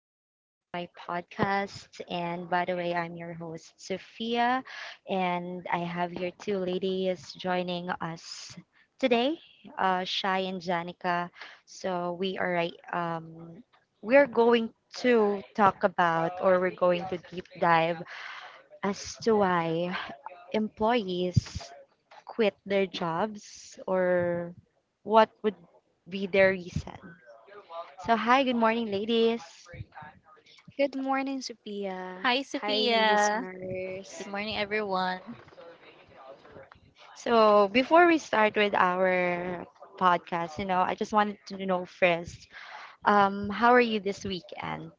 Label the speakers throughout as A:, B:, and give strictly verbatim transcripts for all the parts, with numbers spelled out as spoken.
A: welcome to my podcast. And by the way, I'm your host, Sophia, and I have here two ladies joining us today, uh, Shai and Janica. So we are right, um, we are going to talk about or we're going to deep dive as to why employees quit their jobs or what would be their reason. So, hi, good morning, ladies.
B: Good morning, Sophia.
C: Hi,
B: Hi,
C: Sophia. Good
B: listeners.
C: morning, everyone.
A: So, before we start with our podcast, you know, I just wanted to know first, um, how are you this weekend?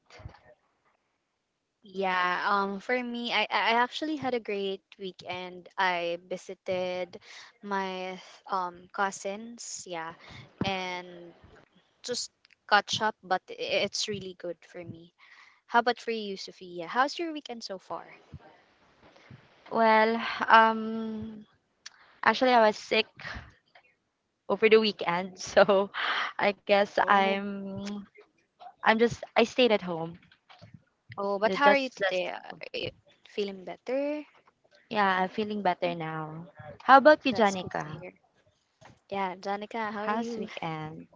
B: Yeah, um, for me, I, I I actually had a great weekend. I visited my um cousins, yeah, and just catch up, but i- it's really good for me. How about for you, Sophia? How's your weekend so far?
A: Well, um, actually, I was sick over the weekend, so I guess
B: Oh,
A: I'm, I'm just, I stayed at home.
B: Oh, but
A: Uh,
B: how are you
A: Just,
B: today?
A: just,
B: Are you feeling better?
A: yeah, I'm feeling better now. How about you,
B: That's good to
A: Janica?
B: hear. Yeah, Janica, how are
A: How's
B: you?
A: weekend?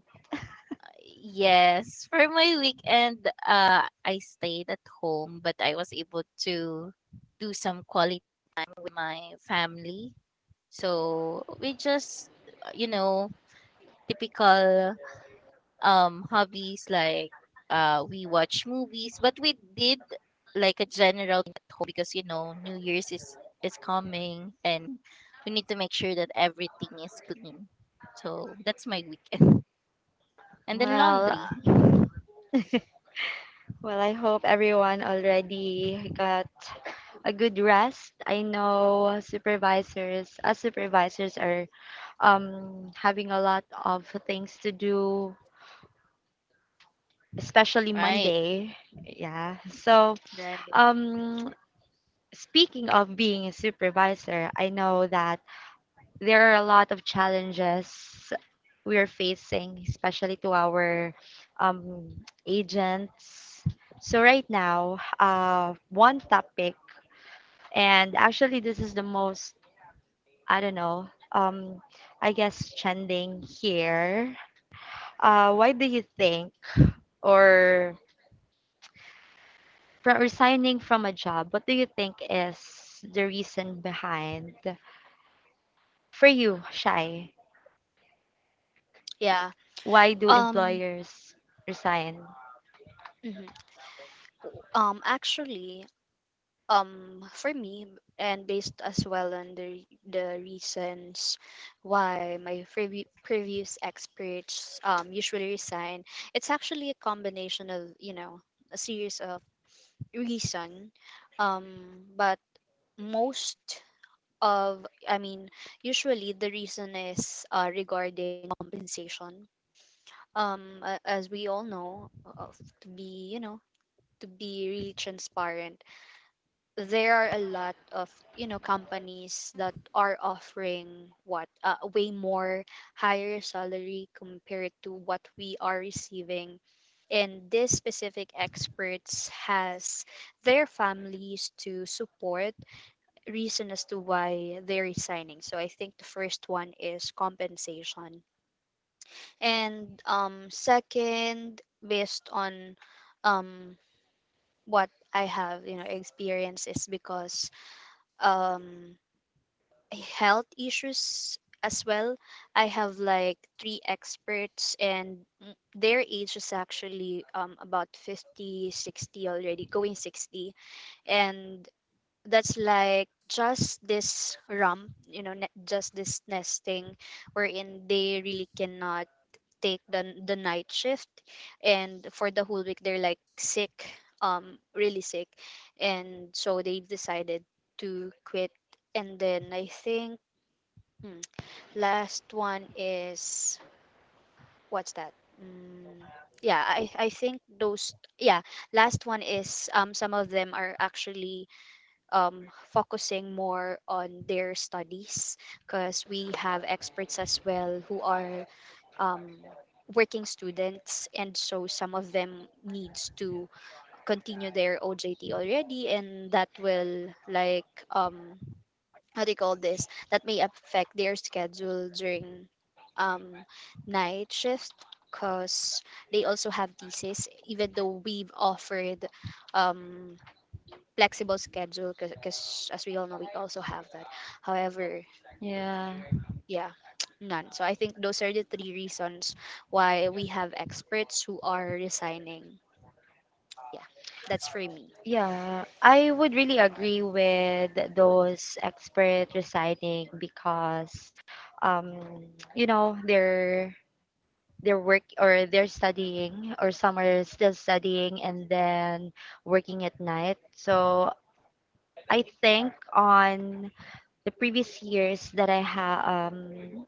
C: Yes, for my weekend, uh, I stayed at home, but I was able to do some quality time with my family. So we just, uh, you know, typical um hobbies like uh we watch movies, but we did like a general at home because you know New Year's is is coming and we need to make sure that everything is clean. So that's my weekend. And then
B: Mhm.
A: Well,
C: laundry.
A: Well, I hope everyone already got a good rest. I know supervisors, as supervisors are um having a lot of things to do, especially
C: Right.
A: Monday. Yeah. So,
B: Right.
A: um speaking of being a supervisor, I know that there are a lot of challenges we are facing, especially to our um agents. So right now, uh, one topic. And actually, this is the most, I don't know, um, I guess, trending here. Uh, why do you think, or from resigning from a job, what do you think is the reason behind, for you, Shai,
B: Yeah.
A: why do
B: Um.
A: employers resign?
B: Mhm. Um, actually, um, for me, and based as well on the the reasons why my previ- previous experts um usually resign, it's actually a combination of, you know a series of reason, um, but most of, I mean, usually the reason is, uh, regarding compensation. Um, a- as we all know, uh, to be, you know to be really transparent, there are a lot of, you know companies that are offering, what uh, way more higher salary compared to what we are receiving, and this specific experts has their families to support, reason as to why they're resigning. So I think the first one is compensation. And um second, based on, um what I have, you know experience, is because, um health issues as well. I have like three experts, and m- their age is actually, um about fifty, sixty already, going sixty. And that's like just this rump, you know, ne- just this nesting, wherein they really cannot take the the night shift, and for the whole week they're like sick, um really sick, and so they decided to quit. And then I think, hmm, last one is, what's that, mm, yeah, i i think those. Yeah, last one is, um some of them are actually, um focusing more on their studies, because we have experts as well who are, um, working students, and so some of them needs to continue their O J T already, and that will like, um how do you call this, that may affect their schedule during, um night shift, because they also have thesis, even though we've offered, um flexible schedule, because as we all know we also have that. However,
A: Yeah.
B: yeah, none. So I think those are the three reasons why we have experts who are resigning. Yeah, that's for me.
A: Yeah, I would really agree with those expert resigning because um you know they're they're work or they're studying or some are still studying and then working at night, so I think on the previous years that I have um,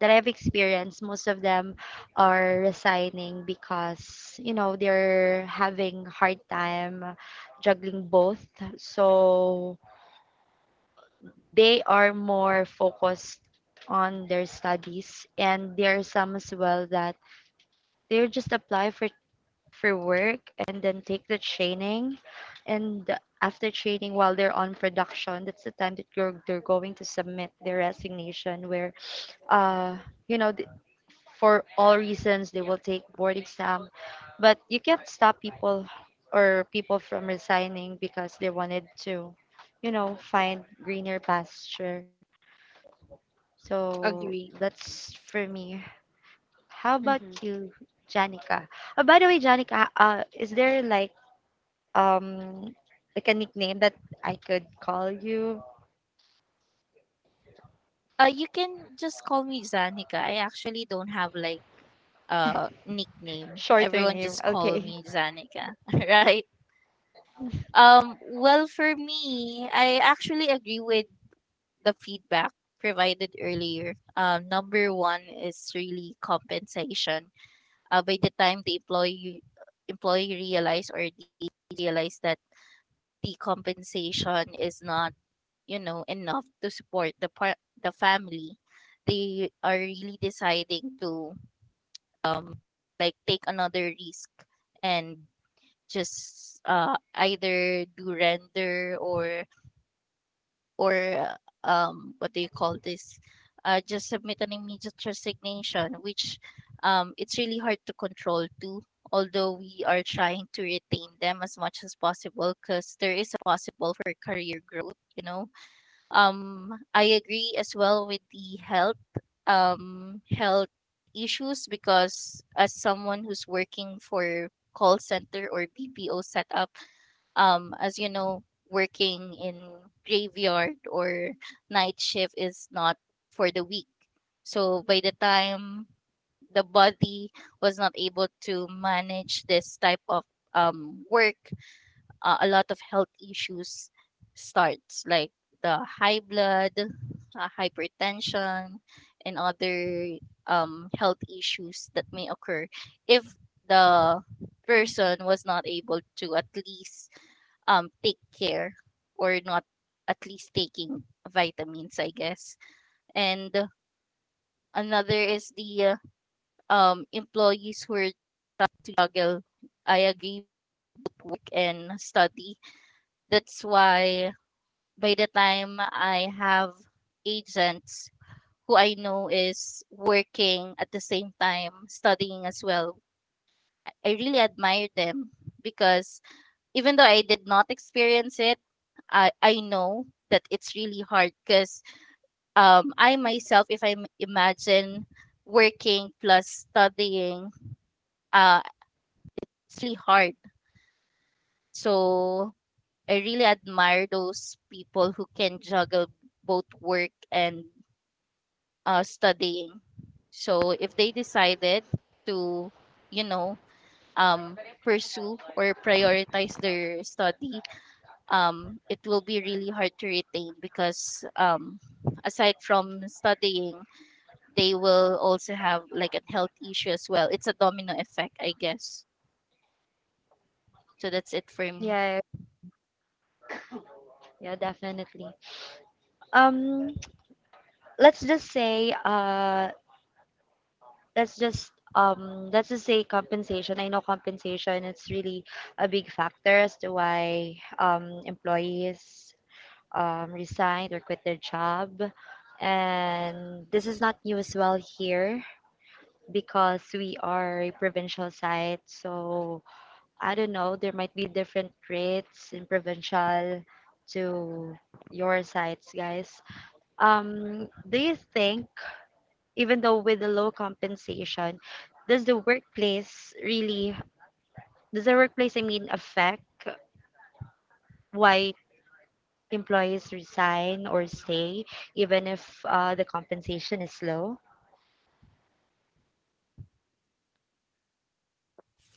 A: that I've experienced, most of them are resigning because you know they're having hard time juggling both, so they are more focused on their studies. And there are some as well that they're just apply for for work and then take the training. And after training, while they're on production, that's the time that you're, they're going to submit their resignation, where, uh, you know, th- for all reasons, they will take board exam. But you can't stop people or people from resigning because they wanted to, you know, find greener pasture. So
B: Agree.
A: that's for me. How about
B: Mm-hmm.
A: you, Janica? Oh, by the way, Janica, uh, is there like um like a nickname that I could call you?
C: Uh, you can just call me Zanica. I actually don't have like a nickname.
A: Shorter
C: Everyone
A: name.
C: just call
A: Okay.
C: me Zanica, right? Um, well, for me, I actually agree with the feedback provided earlier. Um, number one is really compensation. Uh, by the time the employee employee realize or realize that the compensation is not, you know, enough to support the par- the family, they are really deciding to um like take another risk and just uh either do render or or uh, um, what do you call this? Uh, just submit an immediate resignation, which um, it's really hard to control too. Although we are trying to retain them as much as possible, because there is a possible for career growth. You know, um, I agree as well with the health um, health issues because as someone who's working for call center or B P O setup, um as you know working in graveyard or night shift is not for the weak, so by the time the body was not able to manage this type of um work, uh, a lot of health issues starts like the high blood, uh, hypertension and other um, health issues that may occur if the person was not able to at least um, take care or not at least taking vitamins, I guess. And uh, another is the uh, um, employees who are to juggle, I agree, work and study. That's why by the time I have agents who I know is working at the same time, studying as well, I- really admire them because even though I did not experience it, I, I know that it's really hard because um, I myself, if I imagine working plus studying, uh, it's really hard. So I really admire those people who can juggle both work and uh, studying. So if they decided to, you know, um, pursue or prioritize their study, um, it will be really hard to retain because um, aside from studying, they will also have like a health issue as well. It's a domino effect, I guess. So that's it for
A: Yeah,
C: me.
A: yeah, definitely. Um, let's just say, uh, let's just um, let's just say compensation. I know compensation. It's really a big factor as to why um employees um resigned or quit their job. And this is not new as well here because we are a provincial site, so I don't know, there might be different rates in provincial to your sites, guys. Um, do you think, even though with the low compensation, does the workplace really, does the workplace, I mean, affect why employees resign or stay, even if uh, the compensation is low?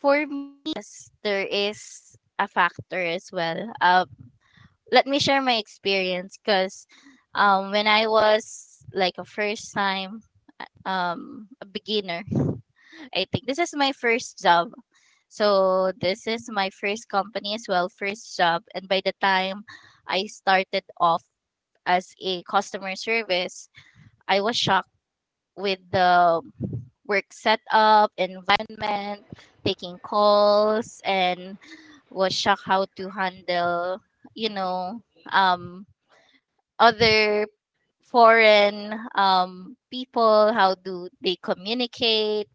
C: For me, yes, there is a factor as well. Uh, let me share my experience because um, when I was like a first time uh, um, a beginner, I think this is my first job. So this is my first company as well, first job. And by the time I started off as a customer service, I was shocked with the work setup, environment, taking calls, and was shocked how to handle, you know, um, other foreign um, people, how do they communicate.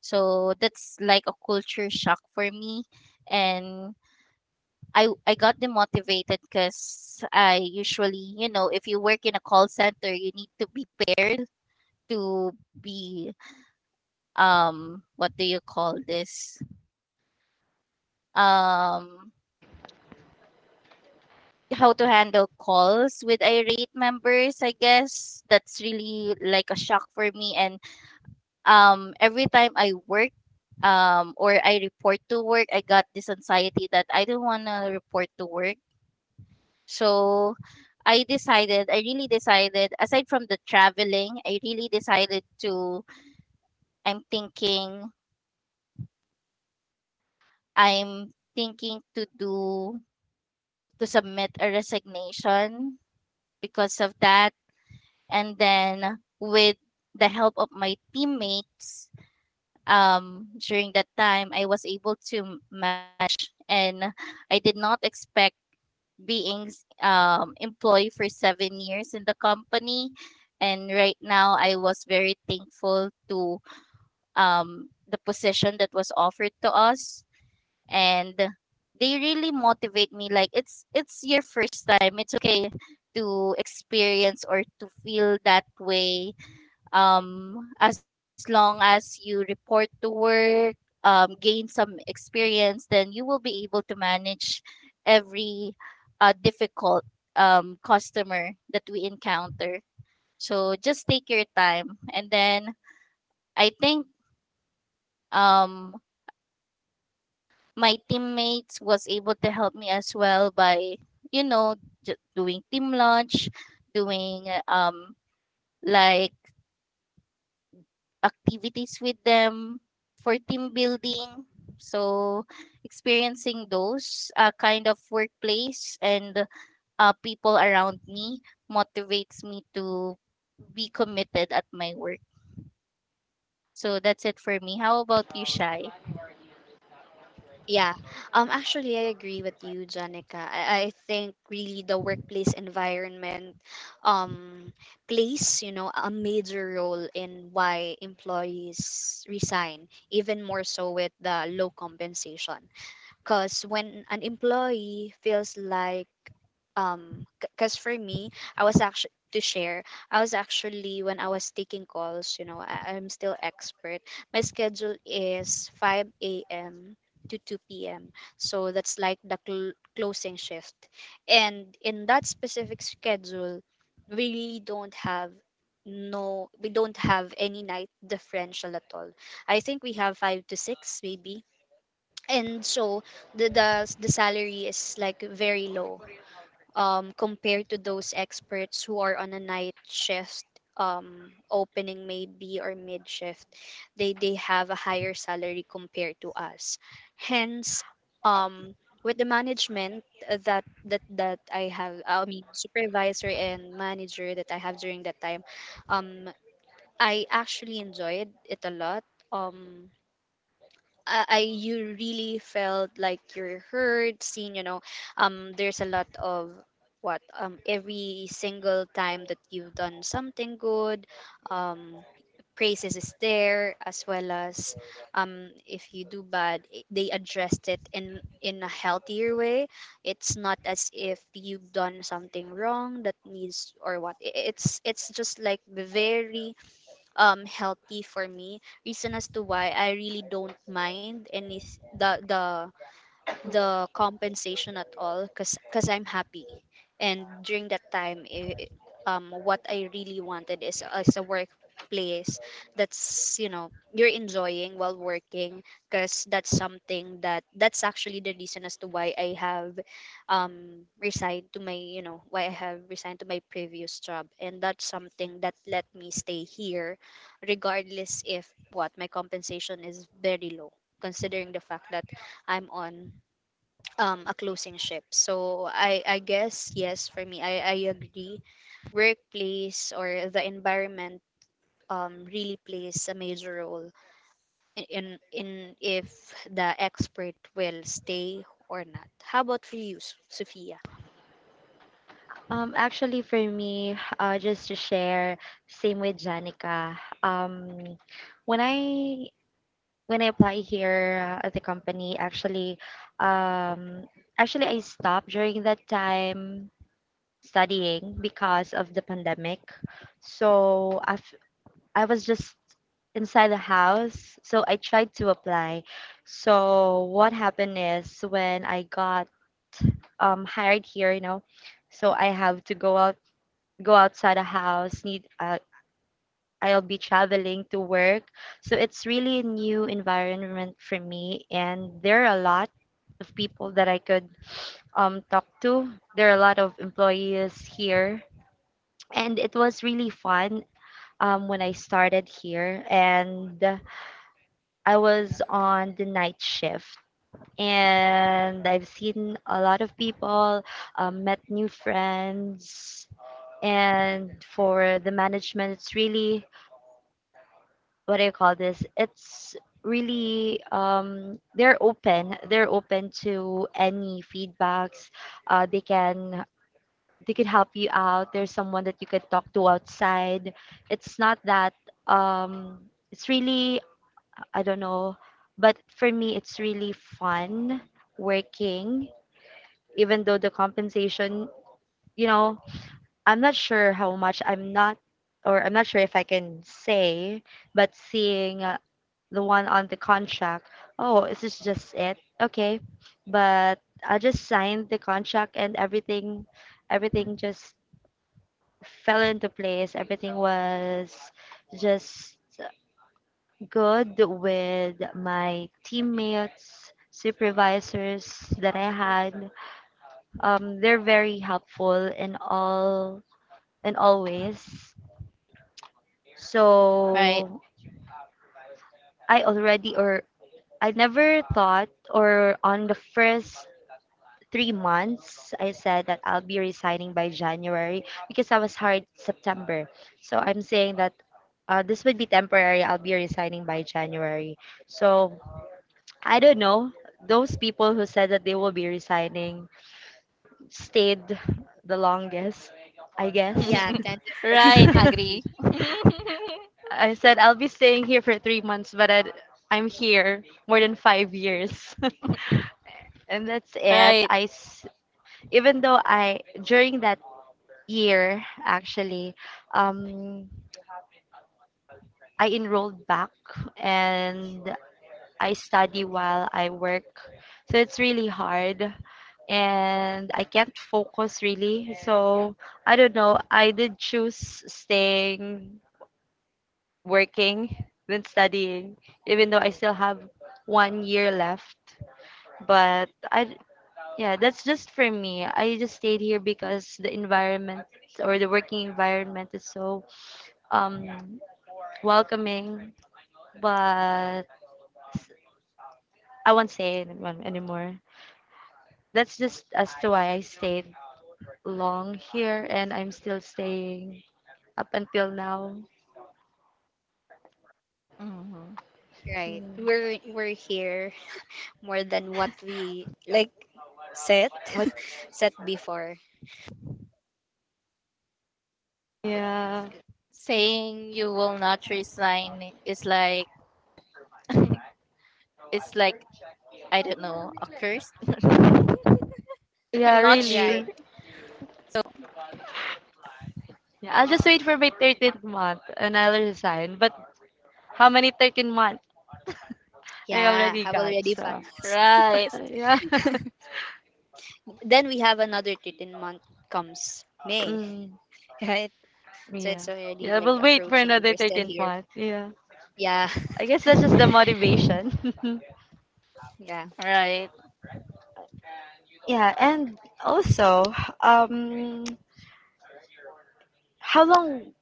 C: So that's like a culture shock for me. And I, I got demotivated because I usually, you know, if you work in a call center, you need to be prepared to be, um, what do you call this? Um, how to handle calls with irate members, I guess. That's really like a shock for me. And um, Every time I work, um, or I report to work, I got this anxiety that I don't want to report to work. So I decided, I really decided, aside from the traveling, I really decided to, I'm thinking, I'm thinking to do, to submit a resignation because of that. And then with the help of my teammates um, during that time, I was able to, ma- and I did not expect being um, employee for seven years in the company. And right now, I was very thankful to um, the position that was offered to us. And they really motivate me. Like, it's it's your first time. It's okay to experience or to feel that way, um, as long as you report to work, um, gain some experience, then you will be able to manage every uh, difficult um, customer that we encounter. So just take your time. And then I think, um, my teammates was able to help me as well by, you know, j- doing team lunch, doing uh, um, like activities with them, for team building. So, experiencing those uh, kind of workplace and uh, people around me motivates me to be committed at my work. So, that's it for me. How about you, Shy?
B: Yeah. Um. Actually, I agree with you, Janica. I, I think really the workplace environment, um, plays, you know a major role in why employees resign, even more so with the low compensation. Because when an employee feels like, um, because for me, I was actually to share, I was actually when I was taking calls, you know, I, I'm still expert. My schedule is five a m to two p m. So that's like the cl- closing shift. And in that specific schedule, we really don't have no we don't have any night differential at all. I think we have five to six maybe, and so the the the salary is like very low, um compared to those experts who are on a night shift, um opening maybe or mid shift. They they have a higher salary compared to us. Hence, um with the management, uh, that that that I have, I mean, supervisor and manager that I have during that time, um I actually enjoyed it a lot. Um I, I You really felt like you're heard, seen, you know. Um there's a lot of, what um every single time that you've done something good, um praises is there, as well as, um if you do bad, i- they addressed it in in a healthier way. It's not as if you've done something wrong that needs, or what I- it's it's just like very, um healthy for me. Reason as to why I really don't mind any the the the compensation at all, because because I'm happy. And during that time, i i- um, what I really wanted is is a workplace that's, you know you're enjoying while working, because that's something that that's actually the reason as to why I have, um resigned to my, you know why I have resigned to my previous job, and that's something that let me stay here, regardless if what my compensation is very low, considering the fact that I'm on, um a closing ship. So I I guess, yes, for me. I I agree. Workplace or the environment, um really plays a major role in in, in if the expert will stay or not. How about for you, S- Sophia?
A: Um, actually, for me, uh, just to share, same with Janica. Um, when I when I apply here uh, at the company, actually, um, actually I stopped during that time studying because of the pandemic. So I I was just inside the house, so I tried to apply. So what happened is when I got um, hired here, you know, so I have to go out go outside the house, need uh, I'll be traveling to work. So it's really a new environment for me, and there are a lot of people that I could um, talk to. There are a lot of employees here, and it was really fun um, when I started here. And uh, I was on the night shift, and I've seen a lot of people, um, met new friends, and for the management, it's really what do you call this? It's really um, they're open. They're open to any feedbacks. Uh, they can they could help you out. There's someone that you could talk to outside. It's not that um, it's really I don't know, but for me it's really fun working, even though the compensation you know I'm not sure how much, I'm not, or I'm not sure if I can say, but seeing uh, the one on the contract, oh, is this just it? Okay, but I just signed the contract and everything, everything just fell into place. Everything was just good with my teammates, supervisors that I had. Um, they're very helpful in all in all ways. So
C: Right.
A: I already or I never thought, or on the first three months I said that I'll be resigning by January because I was hired September. So I'm saying that uh, this would be temporary. I'll be resigning by January. So I don't know. Those people who said that they will be resigning stayed the longest, I guess.
B: Yeah, tend to stay.
C: Right. Agree.
B: Agree.
A: I said I'll be staying here for three months, but i I'm here more than five years, and that's it.
C: Right.
A: I s- even though I during that year actually, um, I enrolled back and I study while I work, so it's really hard and I can't focus really. So I don't know. I did choose staying working than studying, even though I still have one year left. But I, yeah, that's just for me. I just stayed here because the environment or the working environment is so um, welcoming. But I won't say anyone anymore. That's just as to why I stayed long here and I'm still staying up until now.
C: Mhm.
B: Right.
A: Hmm.
B: We're we're here more than what we like set
A: What?
B: set before.
A: Yeah.
C: Saying you will not resign is like, it's like, I don't know, a curse. I'm
A: Yeah,
C: not sure.
B: Right.
A: really. Yeah, I'll just wait for my thirteenth month and I'll resign. But how many thirteen months I
B: Yeah,
A: already
B: have
A: got?
B: already
A: So,
B: passed.
C: Right.
B: Passed.
A: yeah.
B: Then we have another thirteen month, comes May,
A: Mm,
B: right? So
A: yeah.
B: it's already
A: Yeah,
B: like
A: we'll wait for
B: approaching and
A: another
B: we're still
A: thirteenth
B: here.
A: month. Yeah.
B: Yeah.
A: I guess that's just the motivation.
B: Yeah.
C: Right.
A: Yeah, and also, um, how long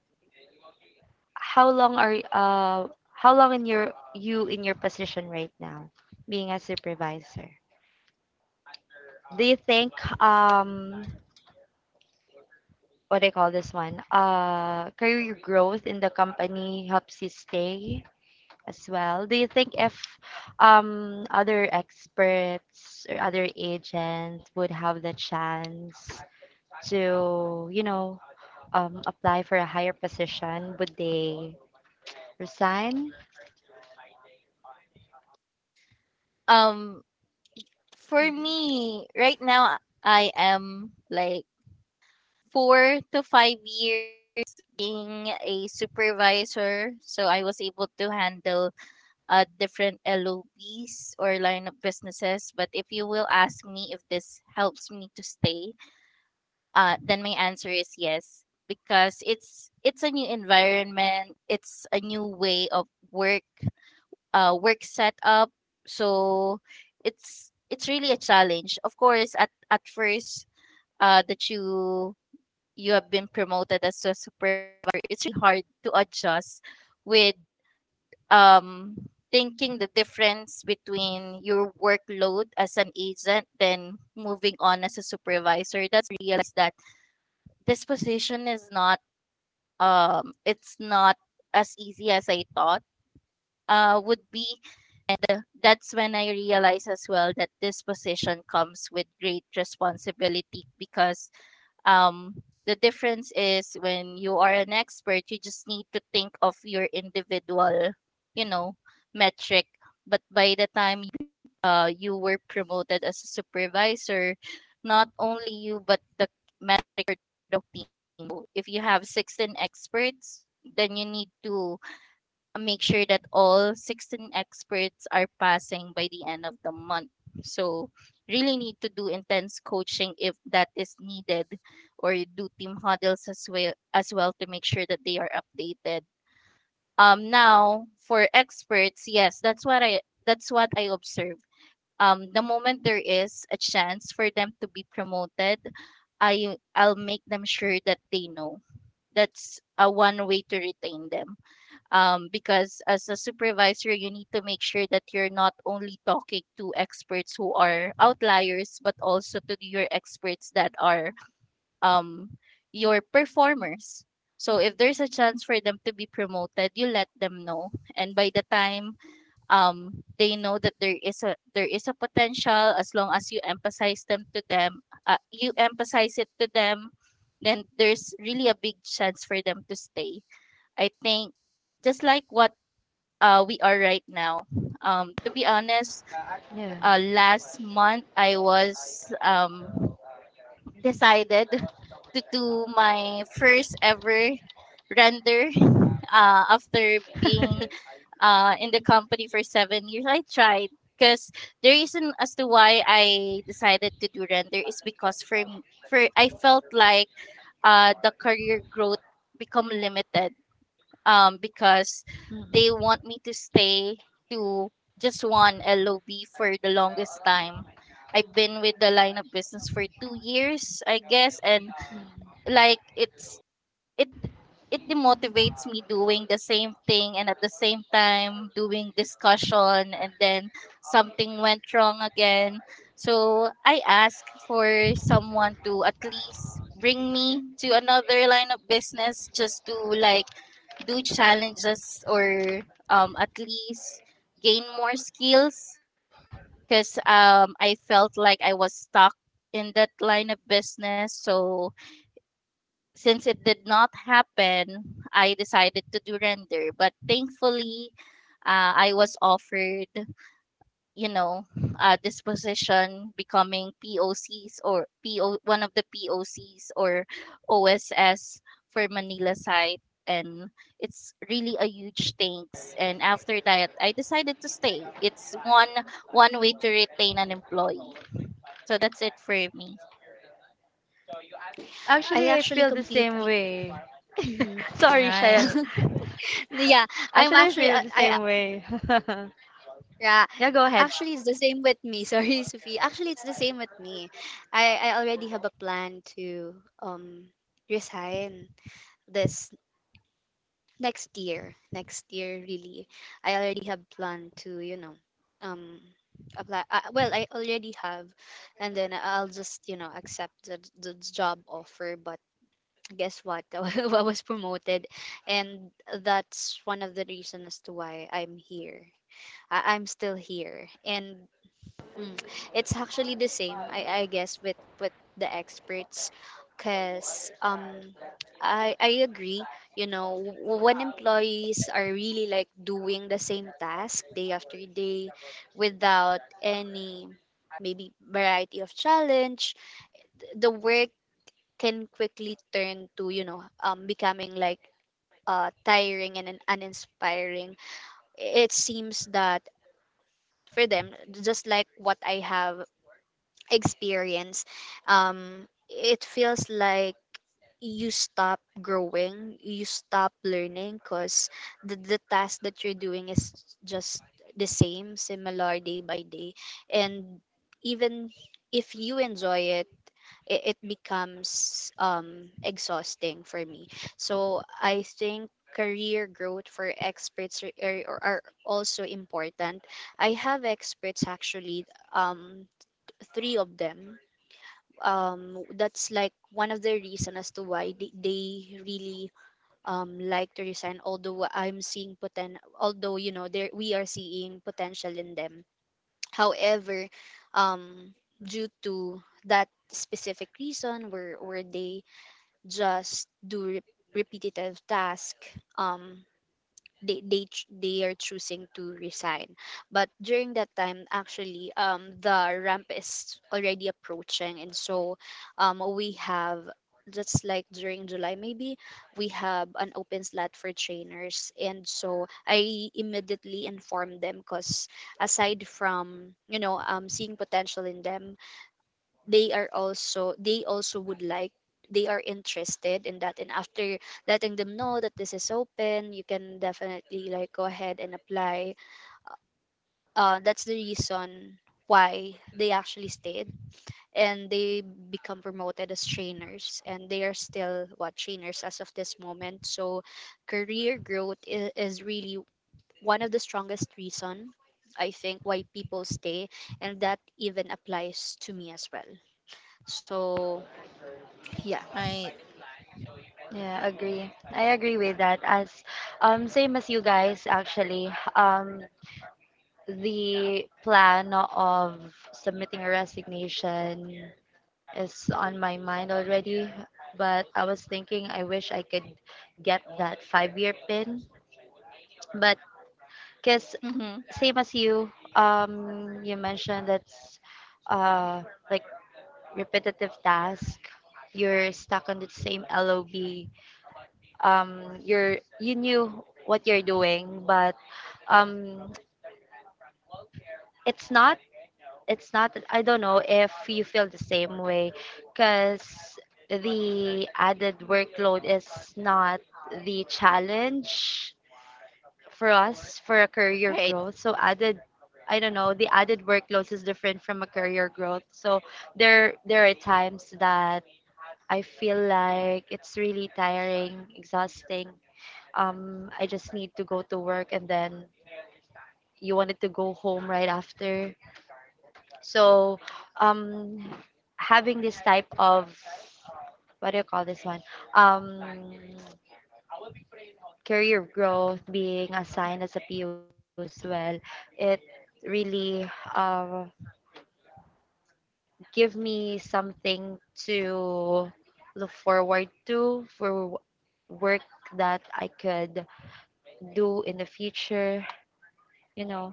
A: how long are y- uh how long in your you in your position right now, being a supervisor? Do you think um what do you call this one? Uh, career growth in the company helps you stay as well. Do you think if um, other experts or other agents would have the chance to, you know, um, apply for a higher position, would they resign?
C: Um, for
B: hmm
C: me, right now, I am like four to five years being a supervisor. So I was able to handle uh, different L O Bs or line of businesses. But if you will ask me if this helps me to stay, uh, then my answer is yes, because it's it's a new environment, it's a new way of work uh, work setup. So it's it's really a challenge. Of course, at at first uh, that you you have been promoted as a super, it's really hard to adjust with um, thinking the difference between your workload as an agent then moving on as a supervisor. That's realized that this position is not um, it's not as easy as I thought uh, would be. That's when I realized as well that this position comes with great responsibility because um, the difference is when you are an expert, you just need to think of your individual, you know, metric. But by the time uh, you were promoted as a supervisor, not only you, but the manager of the team. So if you have sixteen experts, then you need to make sure that all sixteen experts are passing by the end of the month. So really need to do intense coaching if that is needed or do team huddles as well as well to make sure that they are updated. Um now for experts, yes, that's what I, that's what I observe. Um the moment there is a chance for them to be promoted, I I'll make them sure that they know. That's a one way to retain them, um, because as a supervisor you need to make sure that you're not only talking to experts who are outliers but also to your experts that are um, your performers. So if there's a chance for them to be promoted, you let them know. And by the time um, they know that there is a there is a potential, as long as you emphasize them to them uh, you emphasize it to them, then there's really a big chance for them to stay, I think, just like what uh, we are right now. Um, to be honest,
A: Yeah.
C: uh, last month I was um, decided to do my first ever render uh, after being uh, in the company for seven years. I tried because the reason as to why I decided to do render is because for m- for I felt like uh, the career growth become limited, um, because they
A: Mm.
C: want me to stay to just one L O B for the longest time. I've been with the line of business for two years, I guess, and
A: Mm.
C: like it's it it demotivates me doing the same thing and at the same time doing discussion, and then something went wrong again. So I ask for someone to at least bring me to another line of business just to like do challenges or, um, at least gain more skills, because um, I felt like I was stuck in that line of business. So since it did not happen, I decided to do render. But thankfully, uh, I was offered, you know, uh, this position becoming P O Cs or P O one of the P O Cs or O S S for Manila site. And it's really a huge thanks. And after that, I decided to stay. It's one one way to retain an employee. So that's it for me.
B: I
A: Actually, I
B: actually
A: feel the same
B: completely.
A: way.
B: hmm
A: Sorry, Shaya.
C: Right.
B: yeah, I'm
A: Actually, I
B: actually
A: feel
B: I,
A: the
B: I
A: same
B: uh,
A: way.
B: yeah,
A: yeah, go ahead.
B: actually it's the same with me. Sorry, Sophie. Actually, it's the same with me. I I already have a plan to, um resign this next year next year, really. I already have planned to, you know um apply. Uh, well, I already have, and then I'll just, you know accept the, the job offer, but guess what, I was promoted, and that's one of the reasons as to why I'm here. I- I'm still here. And mm. It's actually the same, I, I guess, with with the experts, because, um, I I agree. You know, w- when employees are really like doing the same task day after day, without any, maybe, variety of challenge, the work can quickly turn to, you know um becoming like, uh tiring and un- uninspiring. It seems that for them, just like what I have experience, um, it feels like you stop growing, you stop learning, because the, the task that you're doing is just the same, similar day by day. And even if you enjoy it, it, it becomes, um, exhausting for me. So I think career growth for experts are, are, are also important. I have experts actually, um, three of them, um that's like one of the reason as to why they, they really, um like to resign, although I'm seeing poten although, you know there we are seeing potential in them. However, um due to that specific reason where where they just do re- repetitive task, um they they ch- they are choosing to resign. But during that time, actually, um the ramp is already approaching, and so, um we have, just like during July maybe, we have an open slot for trainers, and so I immediately informed them, because aside from, you know um seeing potential in them, they are also they also would like, they are interested in that. And after letting them know that this is open, you can definitely like go ahead and apply. Uh, that's the reason why they actually stayed, and they become promoted as trainers, and they are still what, trainers, as of this moment. So career growth is, is really one of the strongest reason, I think, why people stay. And that even applies to me as well. So, yeah.
C: Right.
A: Yeah, agree. I agree with that. As um same as you guys actually. Um the plan of submitting a resignation is on my mind already, but I was thinking I wish I could get that five-year pin. But cuz
C: Mm-hmm.
A: same as you um you mentioned that's uh repetitive task you're stuck on the same lob, um you're you knew what you're doing but um it's not it's not, I don't know if you feel the same way because the added workload is not the challenge for us for a career
C: Right.
A: growth, so added I don't know, the added workload is different from a career growth, so there there are times that I feel like it's really tiring, exhausting. Um, I just need to go to work and then you wanted to go home right after. So, um, having this type of what do you call this one? Um, Career growth being assigned as a P O as well, it really uh, give me something to look forward to for w- work that I could do in the future, you know.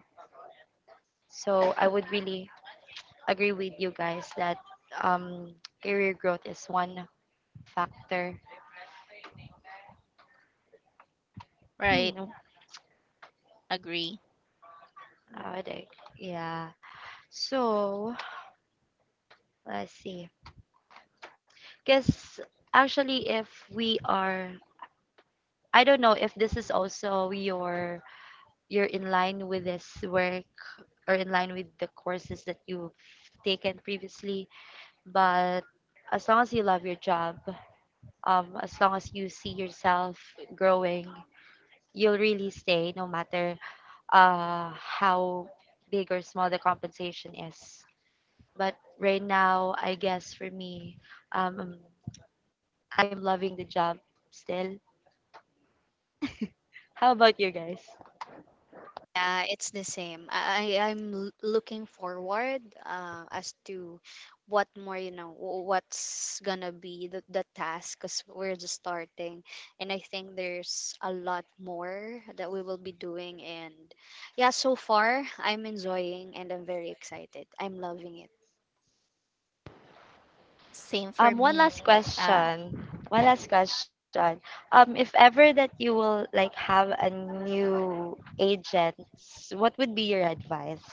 A: So I would really agree with you guys that um, career growth is one factor.
C: Right.
A: Hmm, no,
C: Agree.
A: I would ag- yeah. So let's see. Because actually, if we are, I don't know if this is also your you're in line with this work or in line with the courses that you've taken previously, but as long as you love your job, um, as long as you see yourself growing, you'll really stay no matter uh, how big or small the compensation is. But right now, I guess for me, um, I'm loving the job still. How about you guys?
B: Yeah, it's the same. I I- I'm l- looking forward, uh, as to what more, you know wh- what's gonna be the, the task, because we're just starting, and I think there's a lot more that we will be doing. And yeah, so far I'm enjoying and I'm very excited. I'm loving it.
C: Same
A: Um,
C: for
A: one
C: me.
A: last
C: Uh,
A: question. One last question. Um, if ever that you will like have a new agent, what would be your advice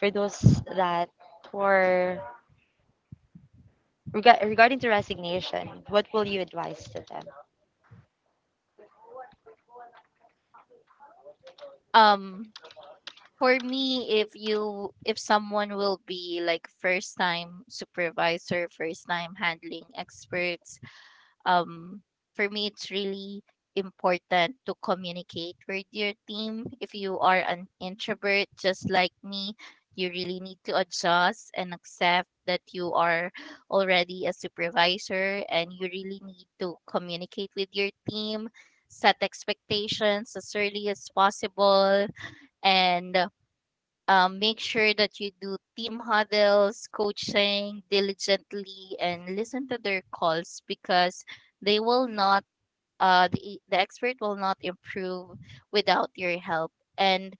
A: for those that were Rega- regarding to resignation, what will you advise to them?
C: um, for me, if you if someone will be like first time supervisor, first time handling experts, um, for me, it's really important to communicate with your team. If you are an introvert, just like me, you really need to adjust and accept that you are already a supervisor and you really need to communicate with your team, set expectations as early as possible, and um, make sure that you do team huddles, coaching diligently, and listen to their calls because they will not, uh, the, the expert will not improve without your help. And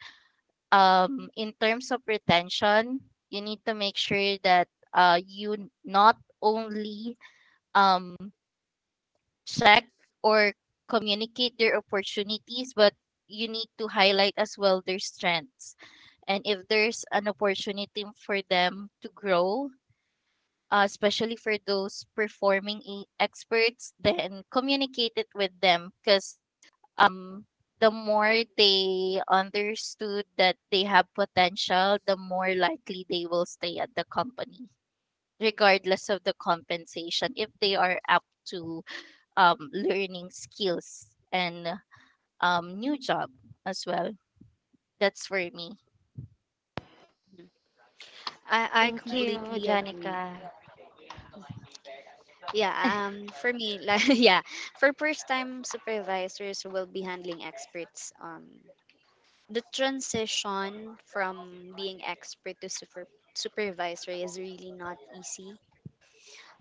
C: um, in terms of retention, you need to make sure that uh, you not only um, check or communicate their opportunities, but you need to highlight as well their strengths, and if there's an opportunity for them to grow, uh, especially for those performing e- experts, then communicate it with them because um, the more they understood that they have potential, the more likely they will stay at the company, regardless of the compensation, if they are up to um, learning skills and um, new job as well. That's for me.
B: Mhm. I I
A: Thank you,
B: completely agree.
A: Janica.
B: Yeah, um for me, like, yeah, for first time supervisors who will be handling experts, um the transition from being expert to super supervisor is really not easy.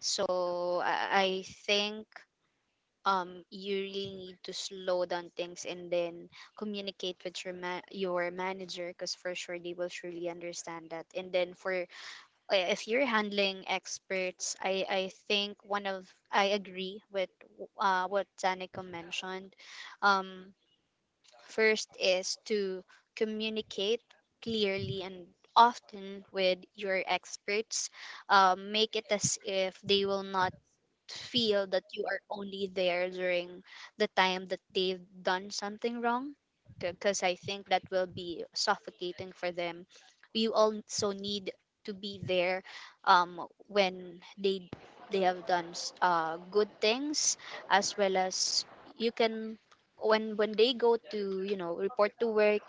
B: So I, I think, um you really need to slow down things and then communicate with your ma- your manager, because for sure they will surely understand that. And then for, uh, if you're handling experts, I I think one of, I agree with, uh what Danica mentioned. Um First is to communicate clearly and often with your experts. Um, make it as if they will not feel that you are only there during the time that they've done something wrong, because I think that will be suffocating for them. You also need to be there, um, when they they have done, s- uh, good things, as well as you can, when when they go to, you know report to work,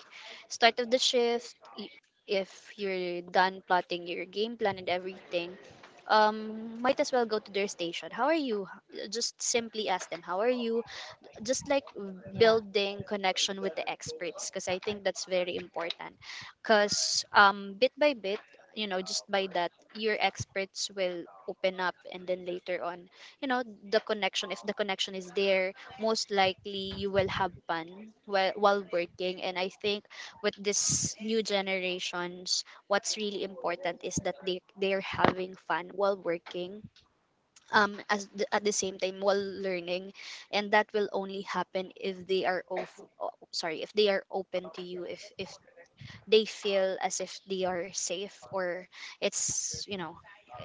B: start of the shift, y- if you're done plotting your game plan and everything, um might as well go to their station. How are you? H- just simply ask them, how are you? Just like
A: Yeah.
B: building connection with the experts, because I think that's very important, because, um bit by bit, you know just by that your experts will open up, and then later on, you know the connection, if the connection is there, most likely you will have fun while, while working. And I think, with this new generations, what's really important is that they they're having fun while working, um as th- at the same time while learning. And that will only happen if they are, of o- sorry, if they are open to you, if if they feel as if they are safe, or it's, you know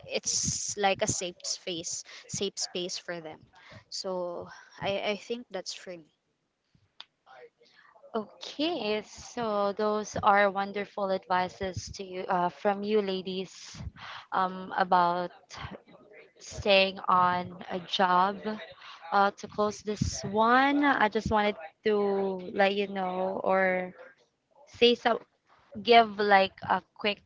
B: it's like a safe space, safe space for them. So i i think that's for me.
A: Okay, so those are wonderful advices to you uh, from you ladies um, about staying on a job. Uh, to close this one, I just wanted to let you know or say some give like a quick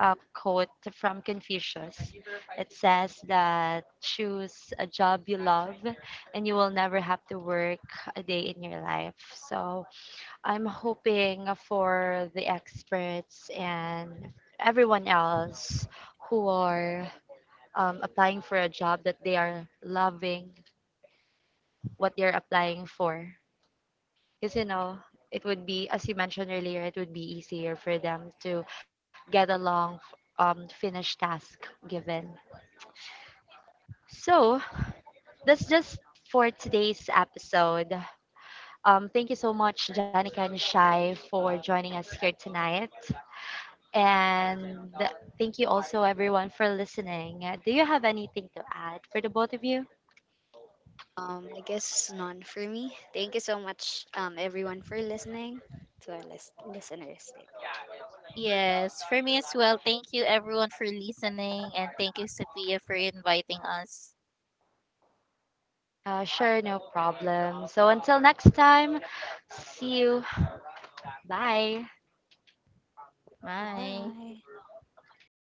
A: uh, quote from Confucius. It says that choose a job you love and you will never have to work a day in your life. So I'm hoping for the experts and everyone else who are um, applying for a job that they are loving what they're applying for. Because, you know, it would be, as you mentioned earlier, it would be easier for them to get along, f- um, finished task given. So that's just for today's episode. Um, thank you so much, Janica and Shai, for joining us here tonight. And thank you also, everyone, for listening. Uh, Do you have anything to add for the both of you?
B: um I guess, none for me. Thank you so much, um everyone, for listening, to our list- listeners.
C: Yes, for me as well. Thank you, everyone, for listening, and thank you, Sophia, for inviting us.
A: Uh, sure, no problem. So until next time, see you. Bye.
B: Bye.
C: Bye.